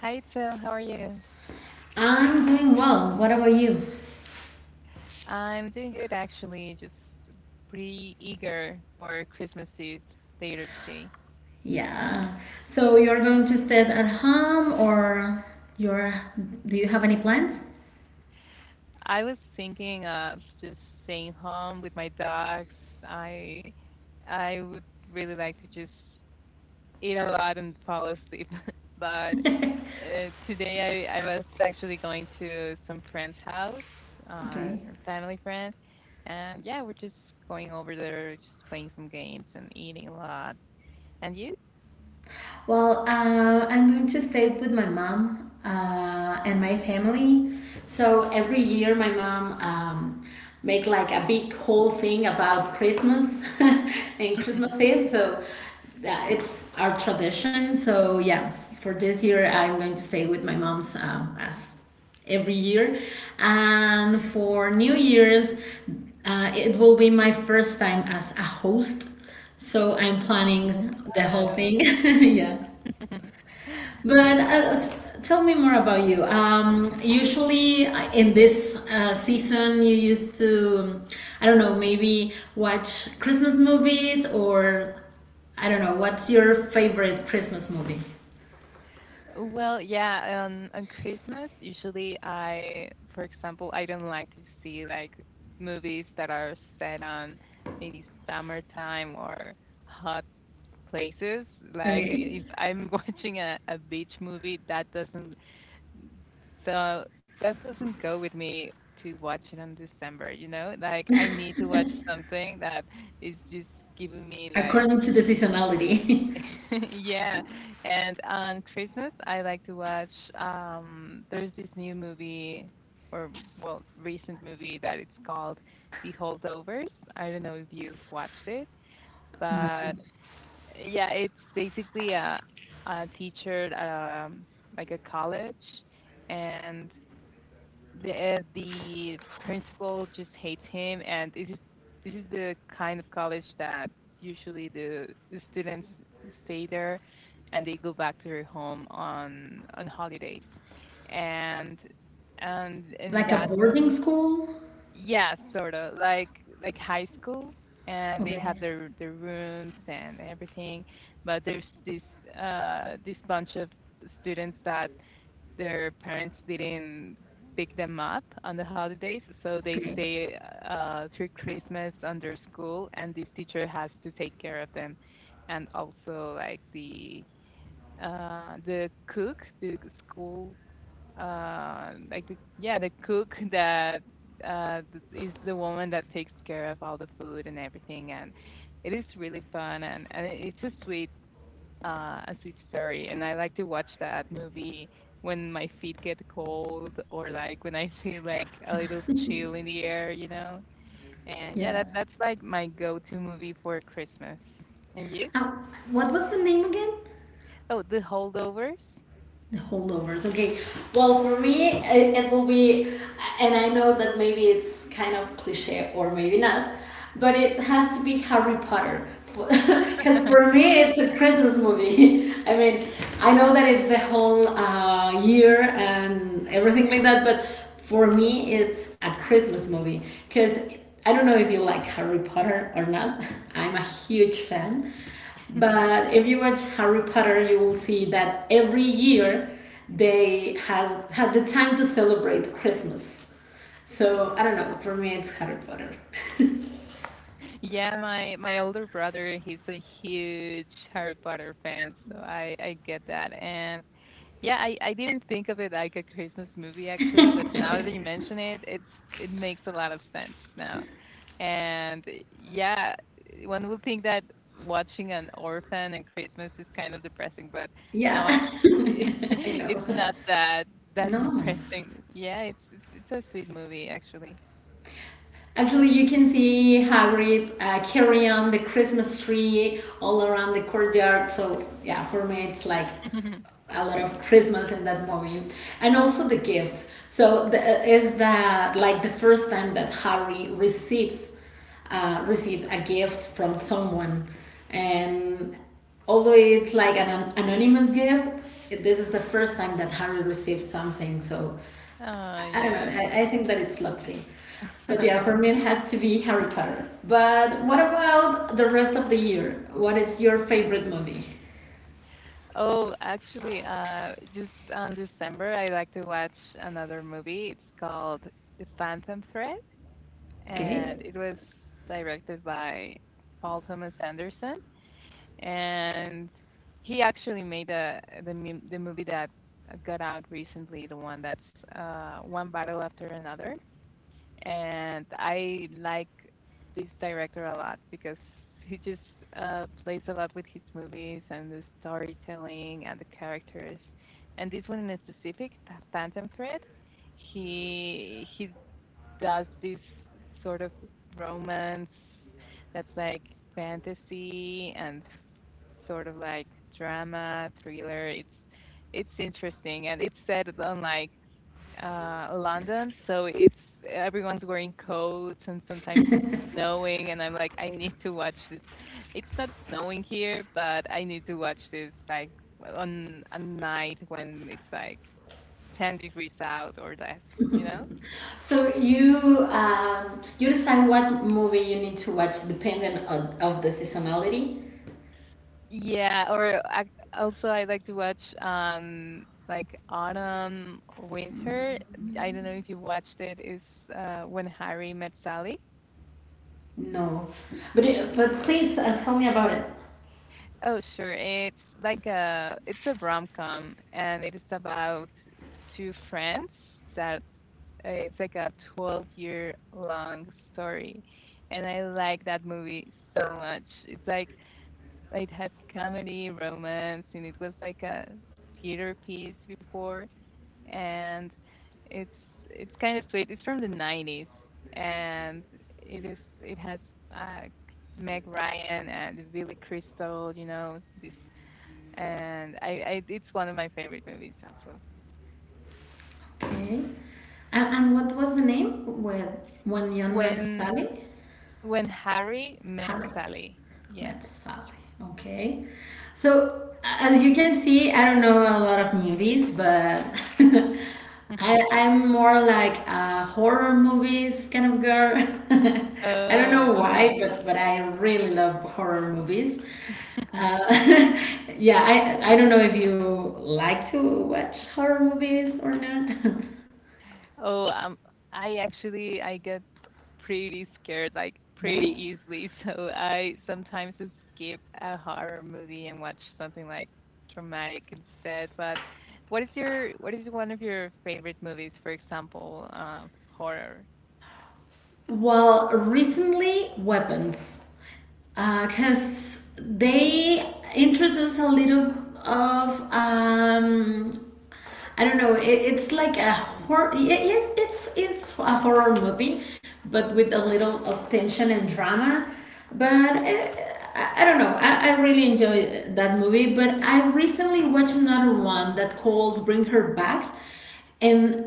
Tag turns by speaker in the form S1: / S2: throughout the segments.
S1: Hi, Phil. How are you?
S2: I'm doing well. What about you?
S1: I'm doing good, actually. Just pretty eager for Christmas Eve later today.
S2: Yeah. So you're going to stay at home, or you're? Do you have any plans?
S1: I was thinking of just staying home with my dogs. I I would really like to just eat a lot and fall asleep. But today I was actually going to some friend's house,
S2: Okay.
S1: some family friend, and yeah, we're just going over there, just playing some games and eating a lot. And you?
S2: Well, I'm going to stay with my mom and my family. So every year, my mom make like a big whole thing about Christmas and Christmas
S1: Mhm.
S2: Eve. So it's our tradition. So yeah, for this year, I'm going to stay with my mom's as every year. And for New Year's, it will be my first time as a host. So I'm planning the whole thing.
S1: Wow.
S2: yeah. But tell me more about you. Usually in this season, you used to, I don't know, maybe watch Christmas movies or I don't know, what's your favorite Christmas movie?
S1: Well, yeah, on Christmas, usually I, for example, I don't like to see like movies that are set on maybe summertime or hot places. Like
S2: Okay.
S1: if I'm watching a beach movie, so that doesn't go with me to watch it on December, you know? Like I need to watch something that is just giving me like
S2: According to the seasonality.
S1: yeah, and on Christmas, I like to watch. There's this new movie, or well, recent movie that it's called The Holdovers. I don't know if you watched it,
S2: no.
S1: but yeah, it's basically a teacher at like a college, and the principal just hates him, and this is the kind of college that usually the students stay there, and they go back to their home on holidays, and in
S2: Like a
S1: that
S2: boarding
S1: movie,
S2: school?
S1: yeah, sort of like high school, and they have
S2: Okay.
S1: their rooms and everything, but there's this this bunch of students that their parents didn't pick them up on the holidays, so they
S2: Okay.
S1: stay through Christmas under school, and this teacher has to take care of them, and also like the cook, the school, like the yeah, the cook that uh, th- is the woman that takes care of all the food and everything, and it is really fun, and it's a sweet A Sweet Story, and I like to watch that movie when my feet get cold or like when I feel like a little chill in the air, you know. And yeah,
S2: Yeah.
S1: that's like my go-to movie for Christmas. And you?
S2: Uh, what was the name again?
S1: Oh, The Holdovers.
S2: The holdovers. Okay. Well, for me, it will be, and I know that maybe it's kind of cliche or maybe not, but it has to be Harry Potter. Because for me, it's a Christmas movie. I mean, I know that it's the whole. Year and everything like that. But for me, it's a Christmas movie because I don't know if you like Harry Potter or not. I'm a huge fan. But if you watch Harry Potter, you will see that every year they has had the time to celebrate Christmas. So I don't know. For me, it's Harry Potter.
S1: Yeah, my older brother, he's a huge Harry Potter fan, so I get that. And yeah, I didn't think of it like a Christmas movie actually, but now that you mention it, it makes a lot of sense now. And yeah, one would think that watching an orphan and Christmas is kind of depressing, but
S2: Yeah,
S1: now I
S2: I
S1: it's
S2: know.
S1: not that
S2: No.
S1: depressing. Yeah, it's a sweet movie actually.
S2: Actually, you can see Hagrid carry on the Christmas tree all around the courtyard. So yeah, for me, it's like a lot of Christmas in that movie, and also the gift. So is that like the first time that Harry receives received a gift from someone, and although it's like an anonymous gift, this is the first time that Harry received something. So
S1: Oh
S2: I don't know.
S1: yeah.
S2: I think that it's lovely. But yeah, for me it has to be Harry Potter. But what about the rest of the year? What is your favorite movie?
S1: Oh, actually, just on December, I like to watch another movie. It's called The Phantom Thread,
S2: Okay.
S1: and it was directed by Paul Thomas Anderson, and he actually made the movie that got out recently, the one that's one battle after another. And I like this director a lot because he just plays a lot with his movies and the storytelling and the characters. And this one in specific, Phantom Thread, he does this sort of romance that's like fantasy and sort of like drama thriller. It's interesting and it's set on like London, so it's everyone's wearing coats, and sometimes it's snowing, and I'm like, I need to watch this. It's not snowing here, but I need to watch this like on a night when it's like 10 degrees out or less, you know?
S2: So you you decide what movie you need to watch depending on of the seasonality.
S1: Yeah, also I like to watch like autumn winter. I don't know if you watched it. Is when Harry met Sally.
S2: No, but please tell me about it.
S1: Oh, sure. It's like a it's a rom-com and it is about two friends that it's like a 12-year long story. And I like that movie so much. It's like it has comedy, romance, and it was like a theater piece before and it's it's kind of sweet. It's from the 90s and it has uh, Meg Ryan and Billy Crystal, you know, this and I it's one of my favorite movies also.
S2: Okay, and what was the name? Where when young met
S1: When
S2: Sally,
S1: when Harry met
S2: Harry.
S1: Sally, yeah.
S2: Met Sally. Okay. So as you can see, I don't know a lot of movies, but
S1: Mhm.
S2: I'm more like a horror movies kind of girl. I don't know
S1: Oh, uh-huh.
S2: why, but I really love horror movies. Uh, yeah, I don't know if you like to watch horror movies or not.
S1: Oh, I actually I get pretty scared like
S2: yeah.
S1: pretty easily, so I sometimes just skip a horror movie and watch something like dramatic instead. But what is one of your favorite movies, for example, horror?
S2: Well, recently weapons, because they introduce a little of I don't know. It's like a horror. Yes, it's a horror movie, but with a little of tension and drama. But I don't know. I really enjoy that movie. But I recently watched another one that calls "Bring Her Back," and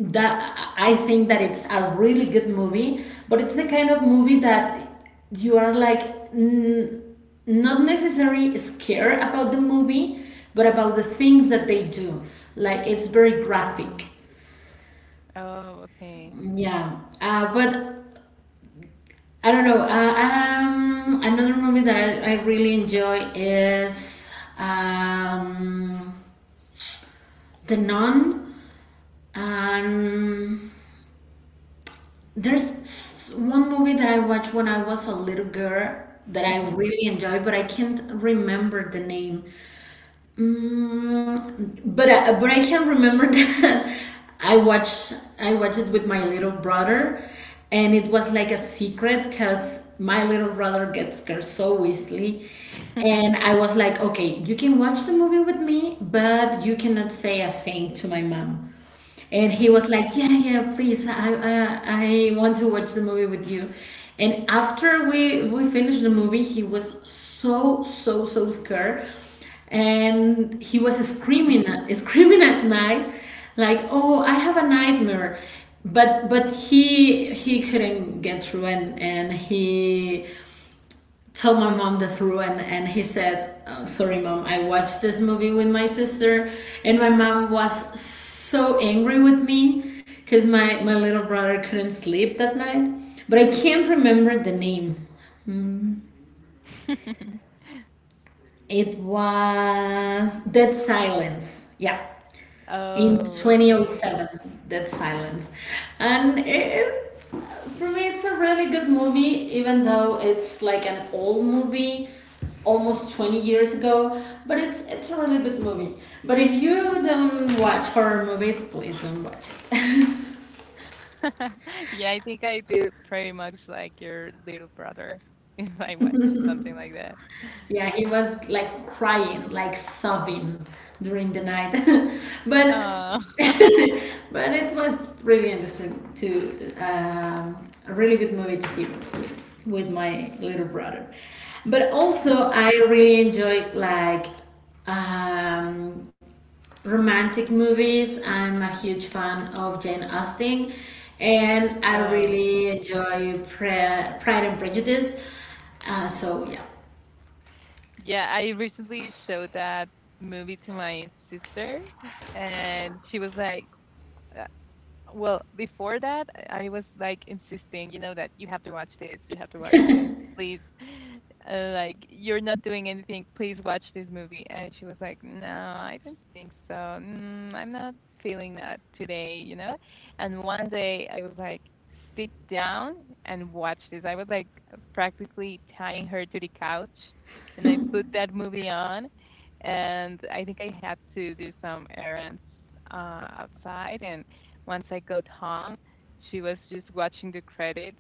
S2: that I think that it's a really good movie, but it's the kind of movie that you are like n- not necessarily scared about the movie, but about the things that they do. Like it's very graphic.
S1: Mm. Oh, okay.
S2: Yeah, but I don't know. Another movie that I really enjoy is um, The Nun. Um, there's one movie that I watched when I was a little girl that I
S1: Hmm.
S2: really enjoyed, but I can't remember the name. But but I can remember that I watched I watched it with my little brother, and it was like a secret because my little brother gets scared so easily, and I was like, okay, you can watch the movie with me, but you cannot say a thing to my mom. And he was like, yeah, yeah, please, I want to watch the movie with you. And after we finished the movie, he was so so so scared and he was screaming at night like, oh, I have a nightmare. But but he couldn't get through, and he told my mom the truth, and he said, oh, sorry, mom, I watched this movie with my sister, and my mom was so angry with me because my little brother couldn't sleep that night, but I can't remember the name. It was Dead Silence, yeah, in
S1: Oh, okay.
S2: 2007. Dead Silence. and it, for me, it's a really good movie even though it's like an old movie, almost 20 years ago, but it's a really good movie, but if you don't watch horror movies, please don't watch it.
S1: Yeah, I think I feel pretty much like your little brother if I watch something like that.
S2: Yeah, he was like crying, like sobbing during the night. but
S1: Oh.
S2: but it was really interesting to a really good movie to see with my little brother. But also, I really enjoyed like um, romantic movies. I'm a huge fan of Jane Austen, and I
S1: Oh.
S2: really
S1: Mhm.
S2: enjoy Pride and Prejudice. So yeah,
S1: Yeah, I recently showed that movie to my sister, and she was like, well, before that, I was like insisting, you know, that you have to watch this, you have to watch this, please. Like, you're not doing anything, please watch this movie. And she was like, no, I don't think so. Mm, I'm not feeling that today, you know? And one day I was like, sit down and watch this. I was like practically tying her to the couch. And I put that movie on. And I think I had to do some errands uh, outside. And once I got home, she was just watching the credits,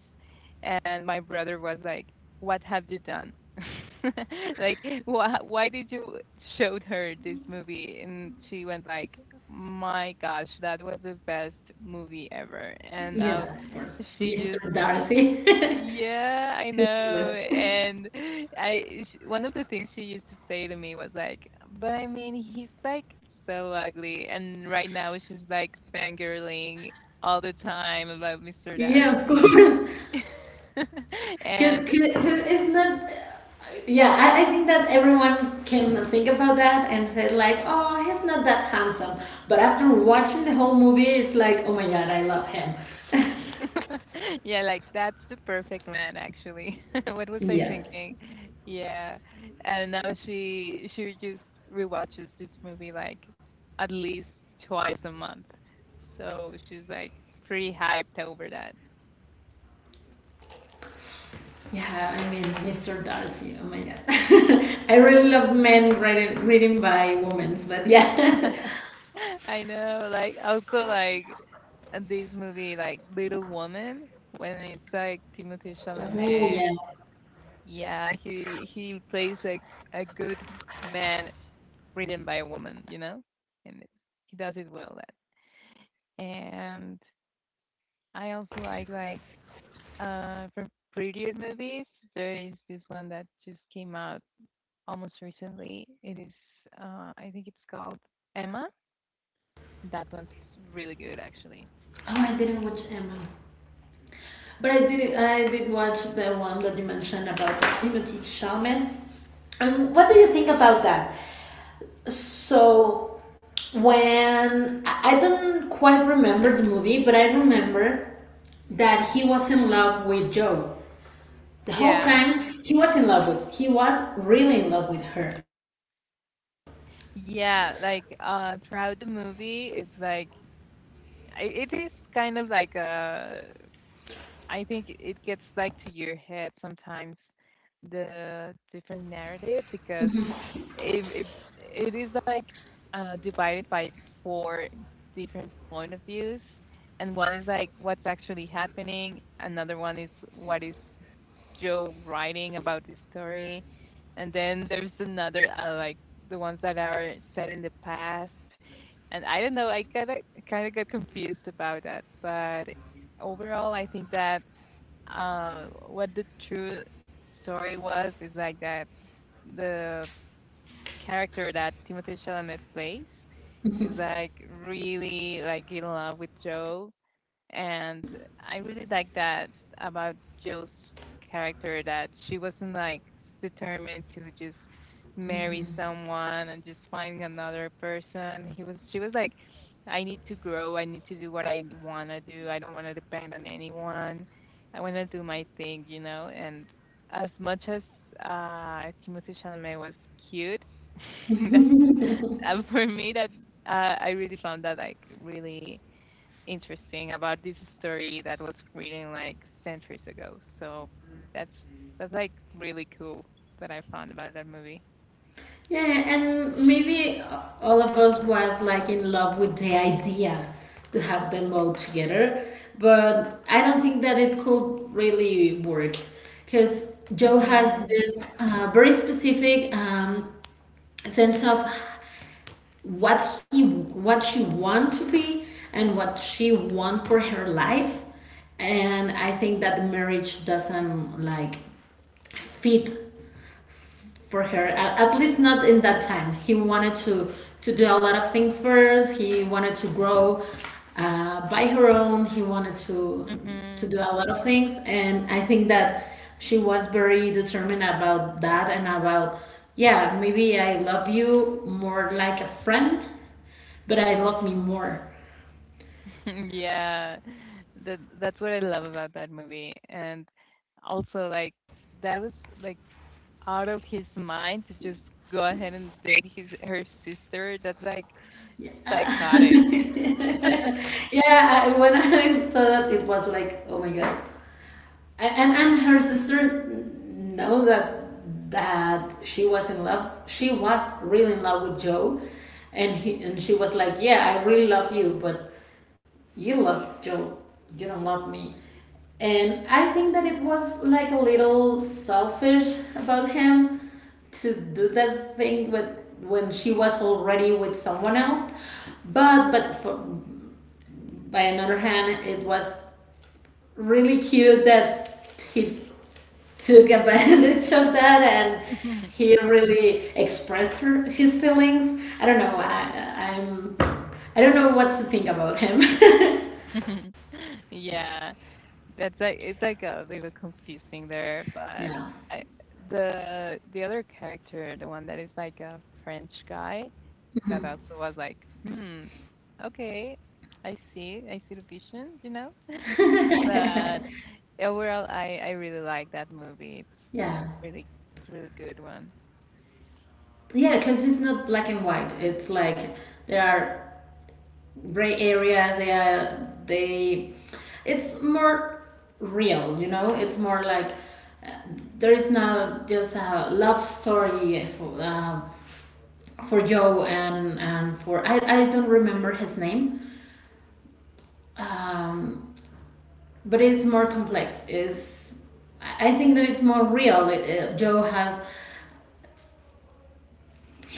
S1: and my brother was like, "What have you done? Like, why did you showed her this movie?" And she went like, "My gosh, that was the best movie ever." And now
S2: yeah, of course,
S1: she
S2: Mr.
S1: just
S2: Darcy.
S1: yeah, I
S2: Who could
S1: know.
S2: list?
S1: And I sh one of the things she used to say to me was like, "But I mean, he's like so ugly." And right now she's like fangirling all the time about Mr.
S2: Yeah, of
S1: Darcy.
S2: course. Because
S1: And
S2: it's not. Yeah, I think that everyone can think about that and say, like, oh, he's not that handsome. But after watching the whole movie, it's like, oh my god, I love him.
S1: yeah, like that's the perfect man actually. What was I
S2: yeah.
S1: thinking? Yeah. And now she just rewatches this movie like at least twice a month. So she's like pretty hyped over that.
S2: Yeah, I mean, Mr. Darcy, oh my god. I really love men written by women, but yeah.
S1: I know, like also like this movie like Little Woman when it's like Timothée
S2: oh,
S1: Chalamet.
S2: yeah.
S1: Yeah, he plays like a good man written by a woman, you know, and he does it well. That and I also like from previous movies. There is this one that just came out almost recently. It is I think it's called Emma. That one's really good actually.
S2: Oh, I didn't watch Emma. But I did watch the one that you mentioned about Timothy Chalamet. And what do you think about that? So when I don't quite remember the movie, but I remember that he was in love with Joe. The whole
S1: Yeah,
S2: time he was in love with, he was really in love with her.
S1: yeah. Like throughout the movie, it's like it is kind of like a I think it gets like to your head sometimes the different narrative because it, it, it is like divided by four different point of views, and one is like what's actually happening, another one is what is Joe writing about this story, and then there's another like the ones that are set in the past. And I don't know, I kind of got confused about that, but overall I think that what the true story was is like that the character that Timothée Chalamet plays is like really like in love with Joe. And I really like that about Jill's character, that she wasn't like determined to just marry someone and just find another person. He was She was like, I need to grow, I need to do what I want to do. I don't want to depend on anyone. I want to do my thing, you know, and as much as Timothy Chalamet was cute, that's for me that I really found that like really interesting about this story that was written like centuries ago. So that's that's like really cool that I found about that movie.
S2: Yeah, and maybe all of us was like in love with the idea to have them all together, but I don't think that it could really work because Joe has
S1: Mhm.
S2: this very specific sense of what he what she want to be and what she want for her life, and I think that marriage doesn't like fit for her. At least not in that time. He wanted to do a lot of things for us. He wanted to grow by her own. He wanted to
S1: Mhm.
S2: do a lot of things, and I think that she was very determined about that and about, yeah, maybe I love you more like a friend, but I love me more.
S1: Yeah. That's what I love about that movie. And also like that was like out of his mind to just go ahead and date his her sister. That's like psychotic.
S2: Yeah, when I saw that, it was like, oh my god. And her sister know that that she was in love, she was really in love with Joe, and she was like, yeah, I really love you, but you love Joe, you don't love me. And I think that it was like a little selfish about him to do that thing with, when she was already with someone else. But by another hand, it was really cute that he took advantage of that and he really his feelings. I don't know. I, I'm. I don't know what to think about him.
S1: Yeah. That's like it's like a little confusing there, but
S2: yeah.
S1: I, the other character, the one that is like a French guy, that also was like, hmm, okay, I see the vision, you know. But overall, I really like that movie. It's
S2: yeah.
S1: it's really it's a really good one.
S2: Yeah, because it's not black and white. It's like there are gray areas. They are they. It's more real, you know. It's more like uh, there is not just a love story, uh, for Joe and for, I don't remember his name, um, but it's more complex. Is I think that it's more real. Joe has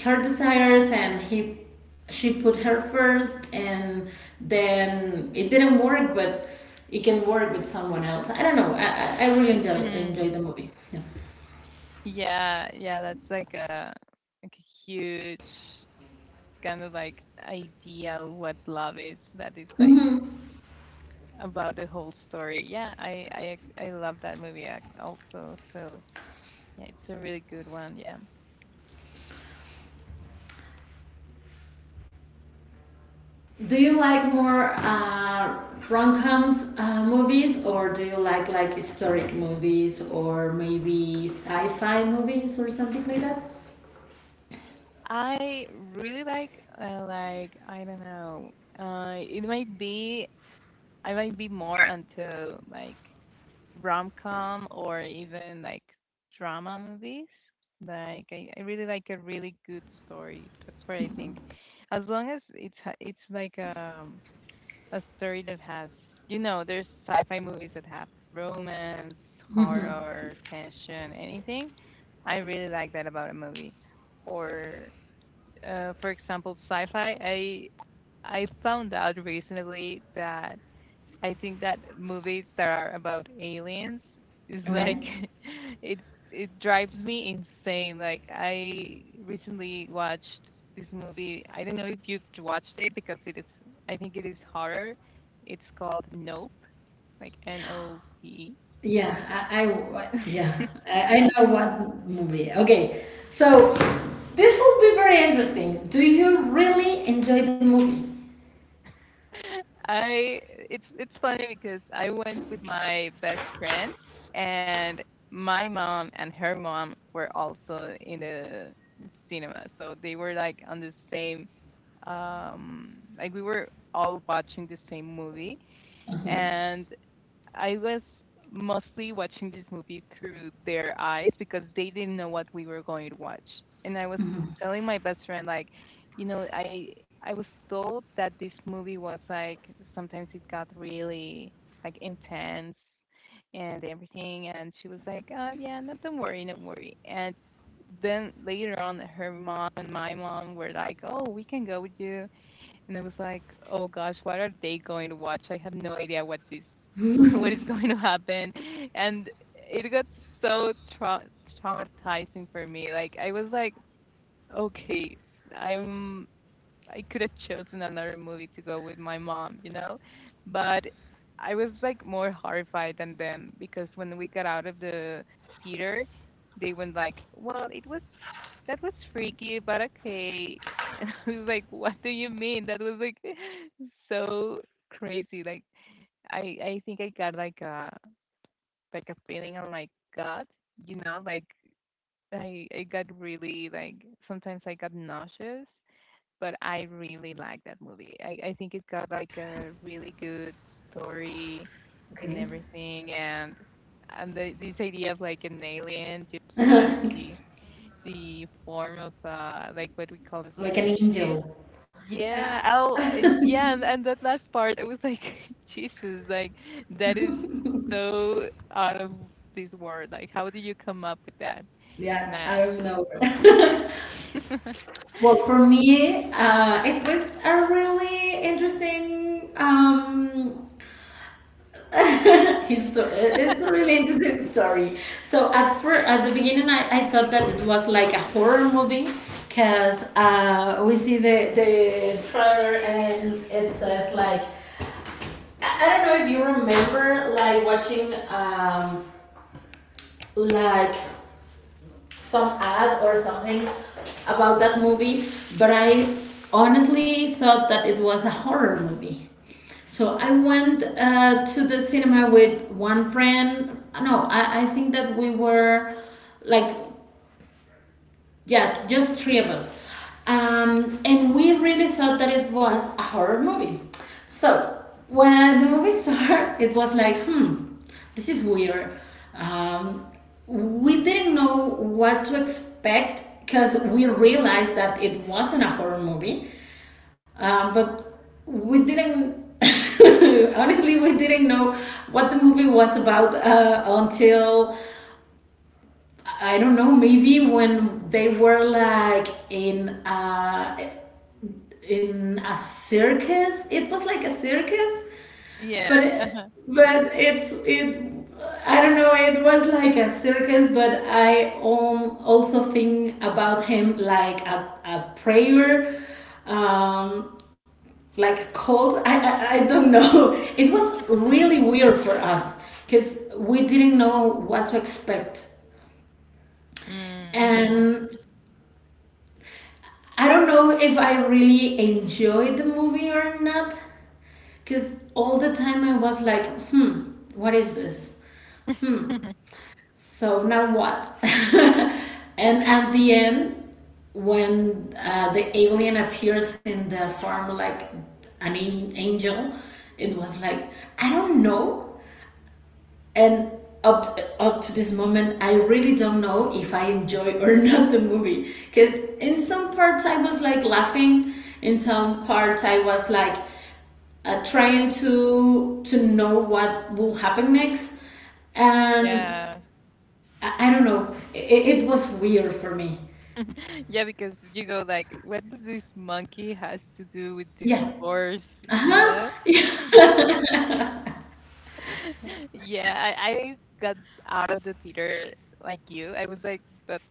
S2: her desires and he she put her first and then it didn't work, but it can work with someone else. I don't know. I really
S1: Hmm.
S2: enjoy the movie, yeah.
S1: Yeah, yeah, that's like a huge kind of like idea of what love is. That is like about the whole story. Yeah, I love that movie also. So yeah, it's a really good one. Yeah,
S2: Do you like more rom-coms movies, or do you like historic movies or maybe sci-fi movies or something like that?
S1: I really like I don't know. It might be I might be more into like rom com or even like drama movies. Like I really like a really good story. That's what I think. As long as it's like a story that has, you know, there's sci-fi movies that have romance, horror, tension, anything. I really like that about a movie. Or, for example, sci-fi. I found out recently that I think that movies that are about aliens is like
S2: Okay.
S1: it it drives me insane. Like I recently watched this movie. I don't know if you've watched it because it is I think it is horror. It's called Nope, like N O P.
S2: Yeah, I
S1: E.
S2: yeah, I know what movie. Okay. So this will be very interesting. Do you really enjoy the movie?
S1: I it's funny because I went with my best friend and my mom and her mom were also in the cinema. So they were like on the same we were all watching the same movie, and I was mostly watching this movie through their eyes because they didn't know what we were going to watch. And I was telling my best friend like, you know, I I was told that this movie was like sometimes it got really like intense and everything, and she was like, "Oh yeah, no, don't worry, don't worry." And then later on her mom and my mom were like, "Oh, we can go with you." And I was like, "Oh gosh, what are they going to watch? I have no idea what this what is going to happen." And it got so trau traumatizing for me. Like I was like, "Okay, I'm I could have chosen another movie to go with my mom, you know? But I was like more horrified than them, because when we got out of the theater, they went like, "Well, it was that was freaky, but okay." And I was like, "What do you mean? That was like so crazy." Like I think I got like a feeling on my gut, you know, like I got really like sometimes I got nauseous, but I really like that movie. I think it got like a really good story and
S2: Okay.
S1: everything, and this idea of like an alien just being the form of like what we call a
S2: Like an
S1: spaceship.
S2: angel.
S1: Yeah. Yeah. And that last part, I was like, Jesus, like that is so out of this world. Like, how do you come up with that?
S2: Yeah,
S1: Nah.
S2: I don't know. Well, for me, it was a really interesting it's a really interesting story. So at first, at the beginning, I thought that it was like a horror movie because we see the trailer and it says like, I don't know if you remember like watching like some ad or something about that movie, but I honestly thought that it was a horror movie. So I went to the cinema with one friend. No, I think that we were like, yeah, just three of us. And we really thought that it was a horror movie. So when the movie started, it was like, hmm, this is weird. Um, we didn't know what to expect because we realized that it wasn't a horror movie, but we didn't. Honestly, we didn't know what the movie was about until I don't know, maybe when they were like in a circus. It was like a circus, but
S1: Yeah.
S2: it,
S1: Uh-huh.
S2: but it's it I don't know, it was like a circus, but I also think about him like a prayer, um, like a cult. I don't know. It was really weird for us because we didn't know what to expect.
S1: Mm, Mm-hmm.
S2: And I don't know if I really enjoyed the movie or not, because all the time I was like, hmm, what is this? So now what? And at the end, when the alien appears in the form like angel, it was like, I don't know. And up to this moment I really don't know if I enjoy or not the movie, because in some parts I was like laughing, in some parts I was like trying to know what will happen next. And
S1: Yeah.
S2: I don't know, it was weird for me.
S1: Yeah, because you go like, what does this monkey has to do with this
S2: Yeah.
S1: horse, you
S2: Uh-huh.
S1: know? Yeah, I got out of the theater like you. I was like, but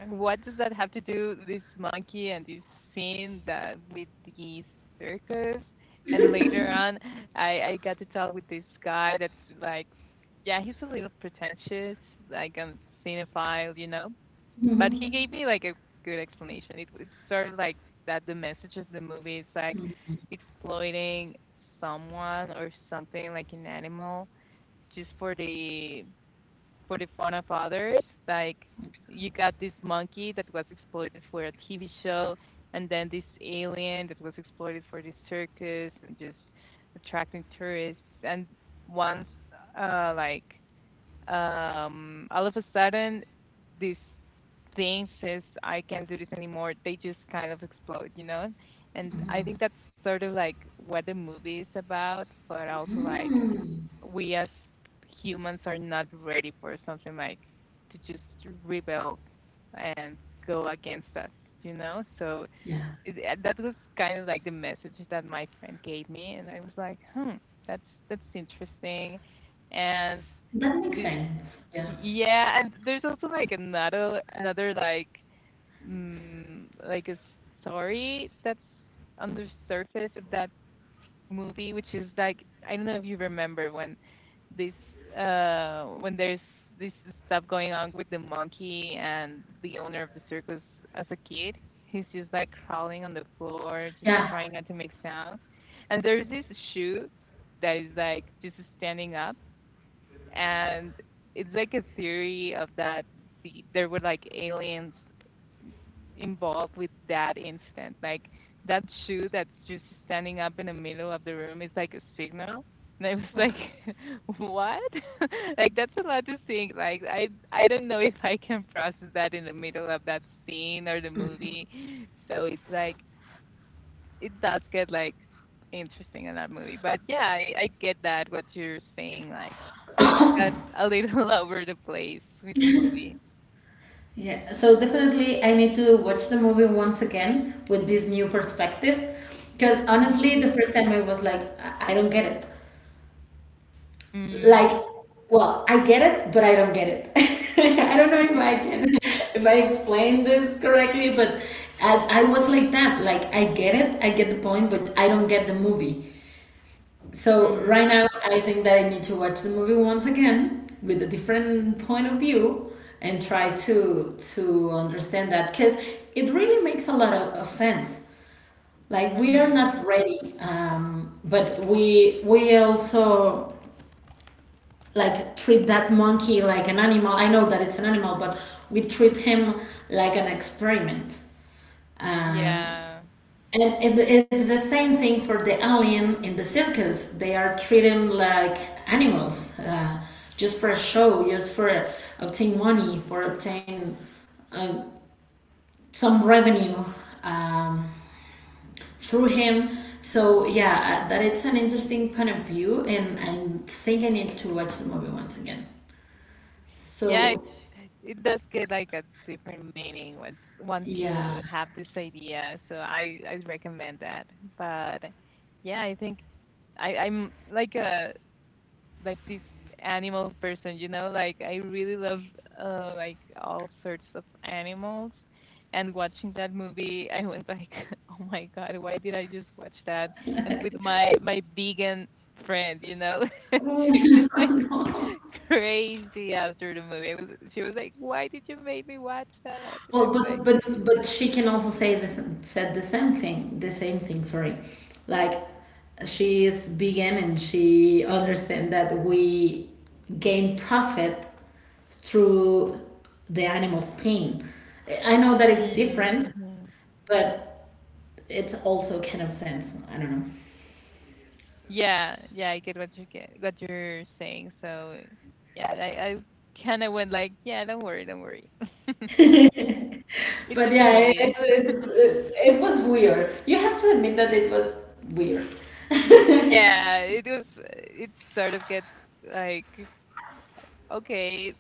S1: And what does that have to do, this monkey and this scene that with the circus? And later on, I got to talk with this guy that's like, yeah, he's a little pretentious, like a cinephile, you know? But he
S2: Mhm.
S1: gave me like a good explanation. It's sort of like that the message of the movie is like exploiting someone or something like an animal just for the fun of others. Like you got this monkey that was exploited for a TV show, and then this alien that was exploited for this circus and just attracting tourists. And once, uh, like all of a sudden, this thing says, "I can't do this anymore." They just kind of explode, you know. And I think that's sort of like what the movie is about, but also like
S2: Hmm.
S1: we as humans are not ready for something like to just rebel and go against us, you know? So
S2: Yeah,
S1: it, that was kind of like the message that my friend gave me, and I was like, hmm, that's that's interesting, and
S2: that makes
S1: this,
S2: sense, yeah.
S1: yeah, and there's also like another like like a story that's on the surface of that movie, which is like I don't know if you remember when this when there's this stuff going on with the monkey and the owner of the circus as a kid. He's just like crawling on the floor, just
S2: Yeah.
S1: trying not to make sounds. And there's this shoe that is like just standing up, and it's like a theory of that there were like aliens involved with that incident. Like that shoe that's just standing up in the middle of the room is like a signal. And I was like,
S2: Okay.
S1: what? Like that's a lot to think. Like I don't know if I can process that in the middle of that scene or the movie. So it's like it does get like interesting in that movie. But yeah, I get that what you're saying. Like it got a little over the place with the movie.
S2: Yeah, so definitely I need to watch the movie once again with this new perspective. Because
S1: Mm-hmm.
S2: honestly, the first time I was like, I don't get it. Like,
S1: Mm-hmm.
S2: well, I get it, but I don't get it. I don't know if I can, if I explain this correctly, but I was like that. Like, I get it, I get the point, but I don't get the movie. So right now, I think that I need to watch the movie once again with a different point of view and try to understand that, because it really makes a lot of sense. Like we are
S1: Mm-hmm.
S2: not ready, but we also like treat that monkey like an animal. I know that it's an animal, but we treat him like an experiment, and
S1: Yeah.
S2: it's the same thing for the alien in the circus. They are treating like animals, just for a show, just for obtain money, for obtain um, some revenue um, through him. So yeah, that it's an interesting point of view, and I think I need to watch the movie once again.
S1: Yeah, it,
S2: So
S1: it does get like a different meaning once you
S2: yeah.
S1: have this idea. So I recommend that. But yeah, I think I'm like a like this animal person, you know, like I really love like all sorts of animals, and watching that movie I went like, "Oh my God, why did I just watch that?" And with my vegan friend, you know, she went like crazy after the movie. I was, she was like, "Why did you make me watch that?" And I
S2: Well,
S1: was like,
S2: but she can also say this said the same thing, the same thing. Sorry, like she is vegan and she understand that we gain profit through the animal's pain. I know that it's
S1: mm,
S2: different,
S1: hmm
S2: but it's also kind of sense. I don't know.
S1: "Yeah, yeah, I get what you get, what you're saying." So yeah, I kind of went like, "Yeah, don't worry, don't worry. it's
S2: But
S1: just a
S2: yeah,
S1: movie."
S2: it was weird. You have to admit that it was weird.
S1: Yeah, it was. It sort of gets like, okay,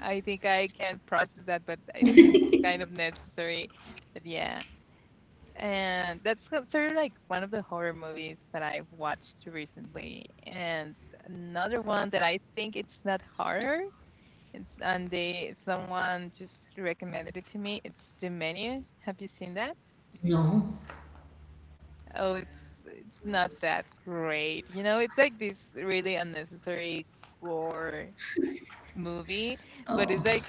S1: I think I can process that, but it seems kind of necessary. But yeah, and that's sort of like one of the horror movies that I've watched recently. And another one that I think it's not horror. It's and they someone just recommended it to me. It's The Menu. Have you seen that?
S2: No.
S1: Oh, it's not that great. You know, it's like this really unnecessary gore movie, but it's
S2: Oh,
S1: like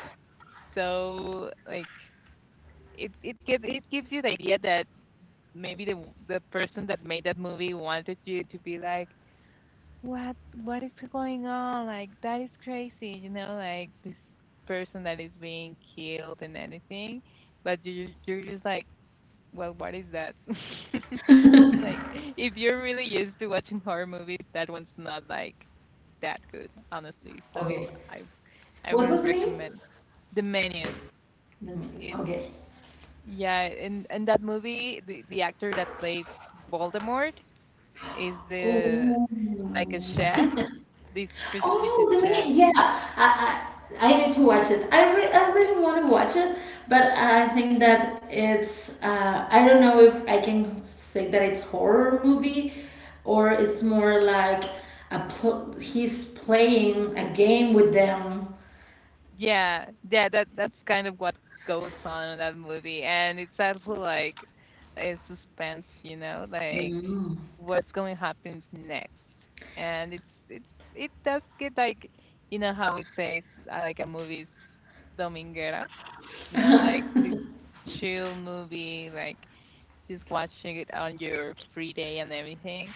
S1: so like it gives you the idea that maybe the person that made that movie wanted you to be like, what what is going on? Like that is crazy, you know, like this person that is being killed and anything. But you you're just like, well, what is that? Like if you're really used to watching horror movies, that one's not like that good, honestly.
S2: okay.
S1: So I
S2: What
S1: wouldn't
S2: was the name?
S1: recommend the menu.
S2: The name.
S1: It
S2: Okay.
S1: yeah, and that movie, the actor that plays Voldemort, Is the
S2: Oh.
S1: like a chef? This
S2: Oh,
S1: prestigious
S2: the minute,
S1: chef.
S2: yeah. I need to watch it. I really want to watch it, but I think that it's, I don't know if I can say that it's horror movie, or it's more like a pl he's playing a game with them.
S1: Yeah, yeah. That's kind of what goes on in that movie, and it's also like a suspense. You know, like
S2: Mm.
S1: what's going to happen next, and it does get like you know how it says like a movie's dominguera. You know, like this chill movie, like just watching it on your free day and everything.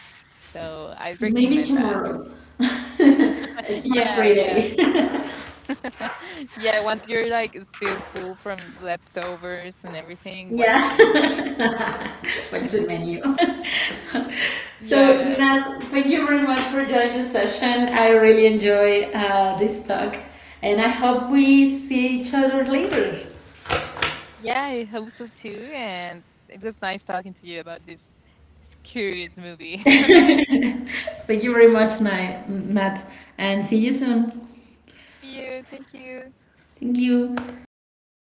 S1: So I
S2: Maybe
S1: recommend that.
S2: tomorrow. It's my
S1: Yeah, yeah.
S2: Friday.
S1: Yeah, once you're like still full from leftovers and everything, watch that
S2: Yeah.
S1: movie.
S2: What's the menu? So,
S1: Yeah.
S2: Nat, thank you very much for joining the session. I really enjoy this talk, and I hope we see each other later.
S1: Yeah, I hope so too. And it was nice talking to you about this curious movie.
S2: Thank you very much, Nat, and see you soon.
S1: See you. Thank you.
S2: Thank you.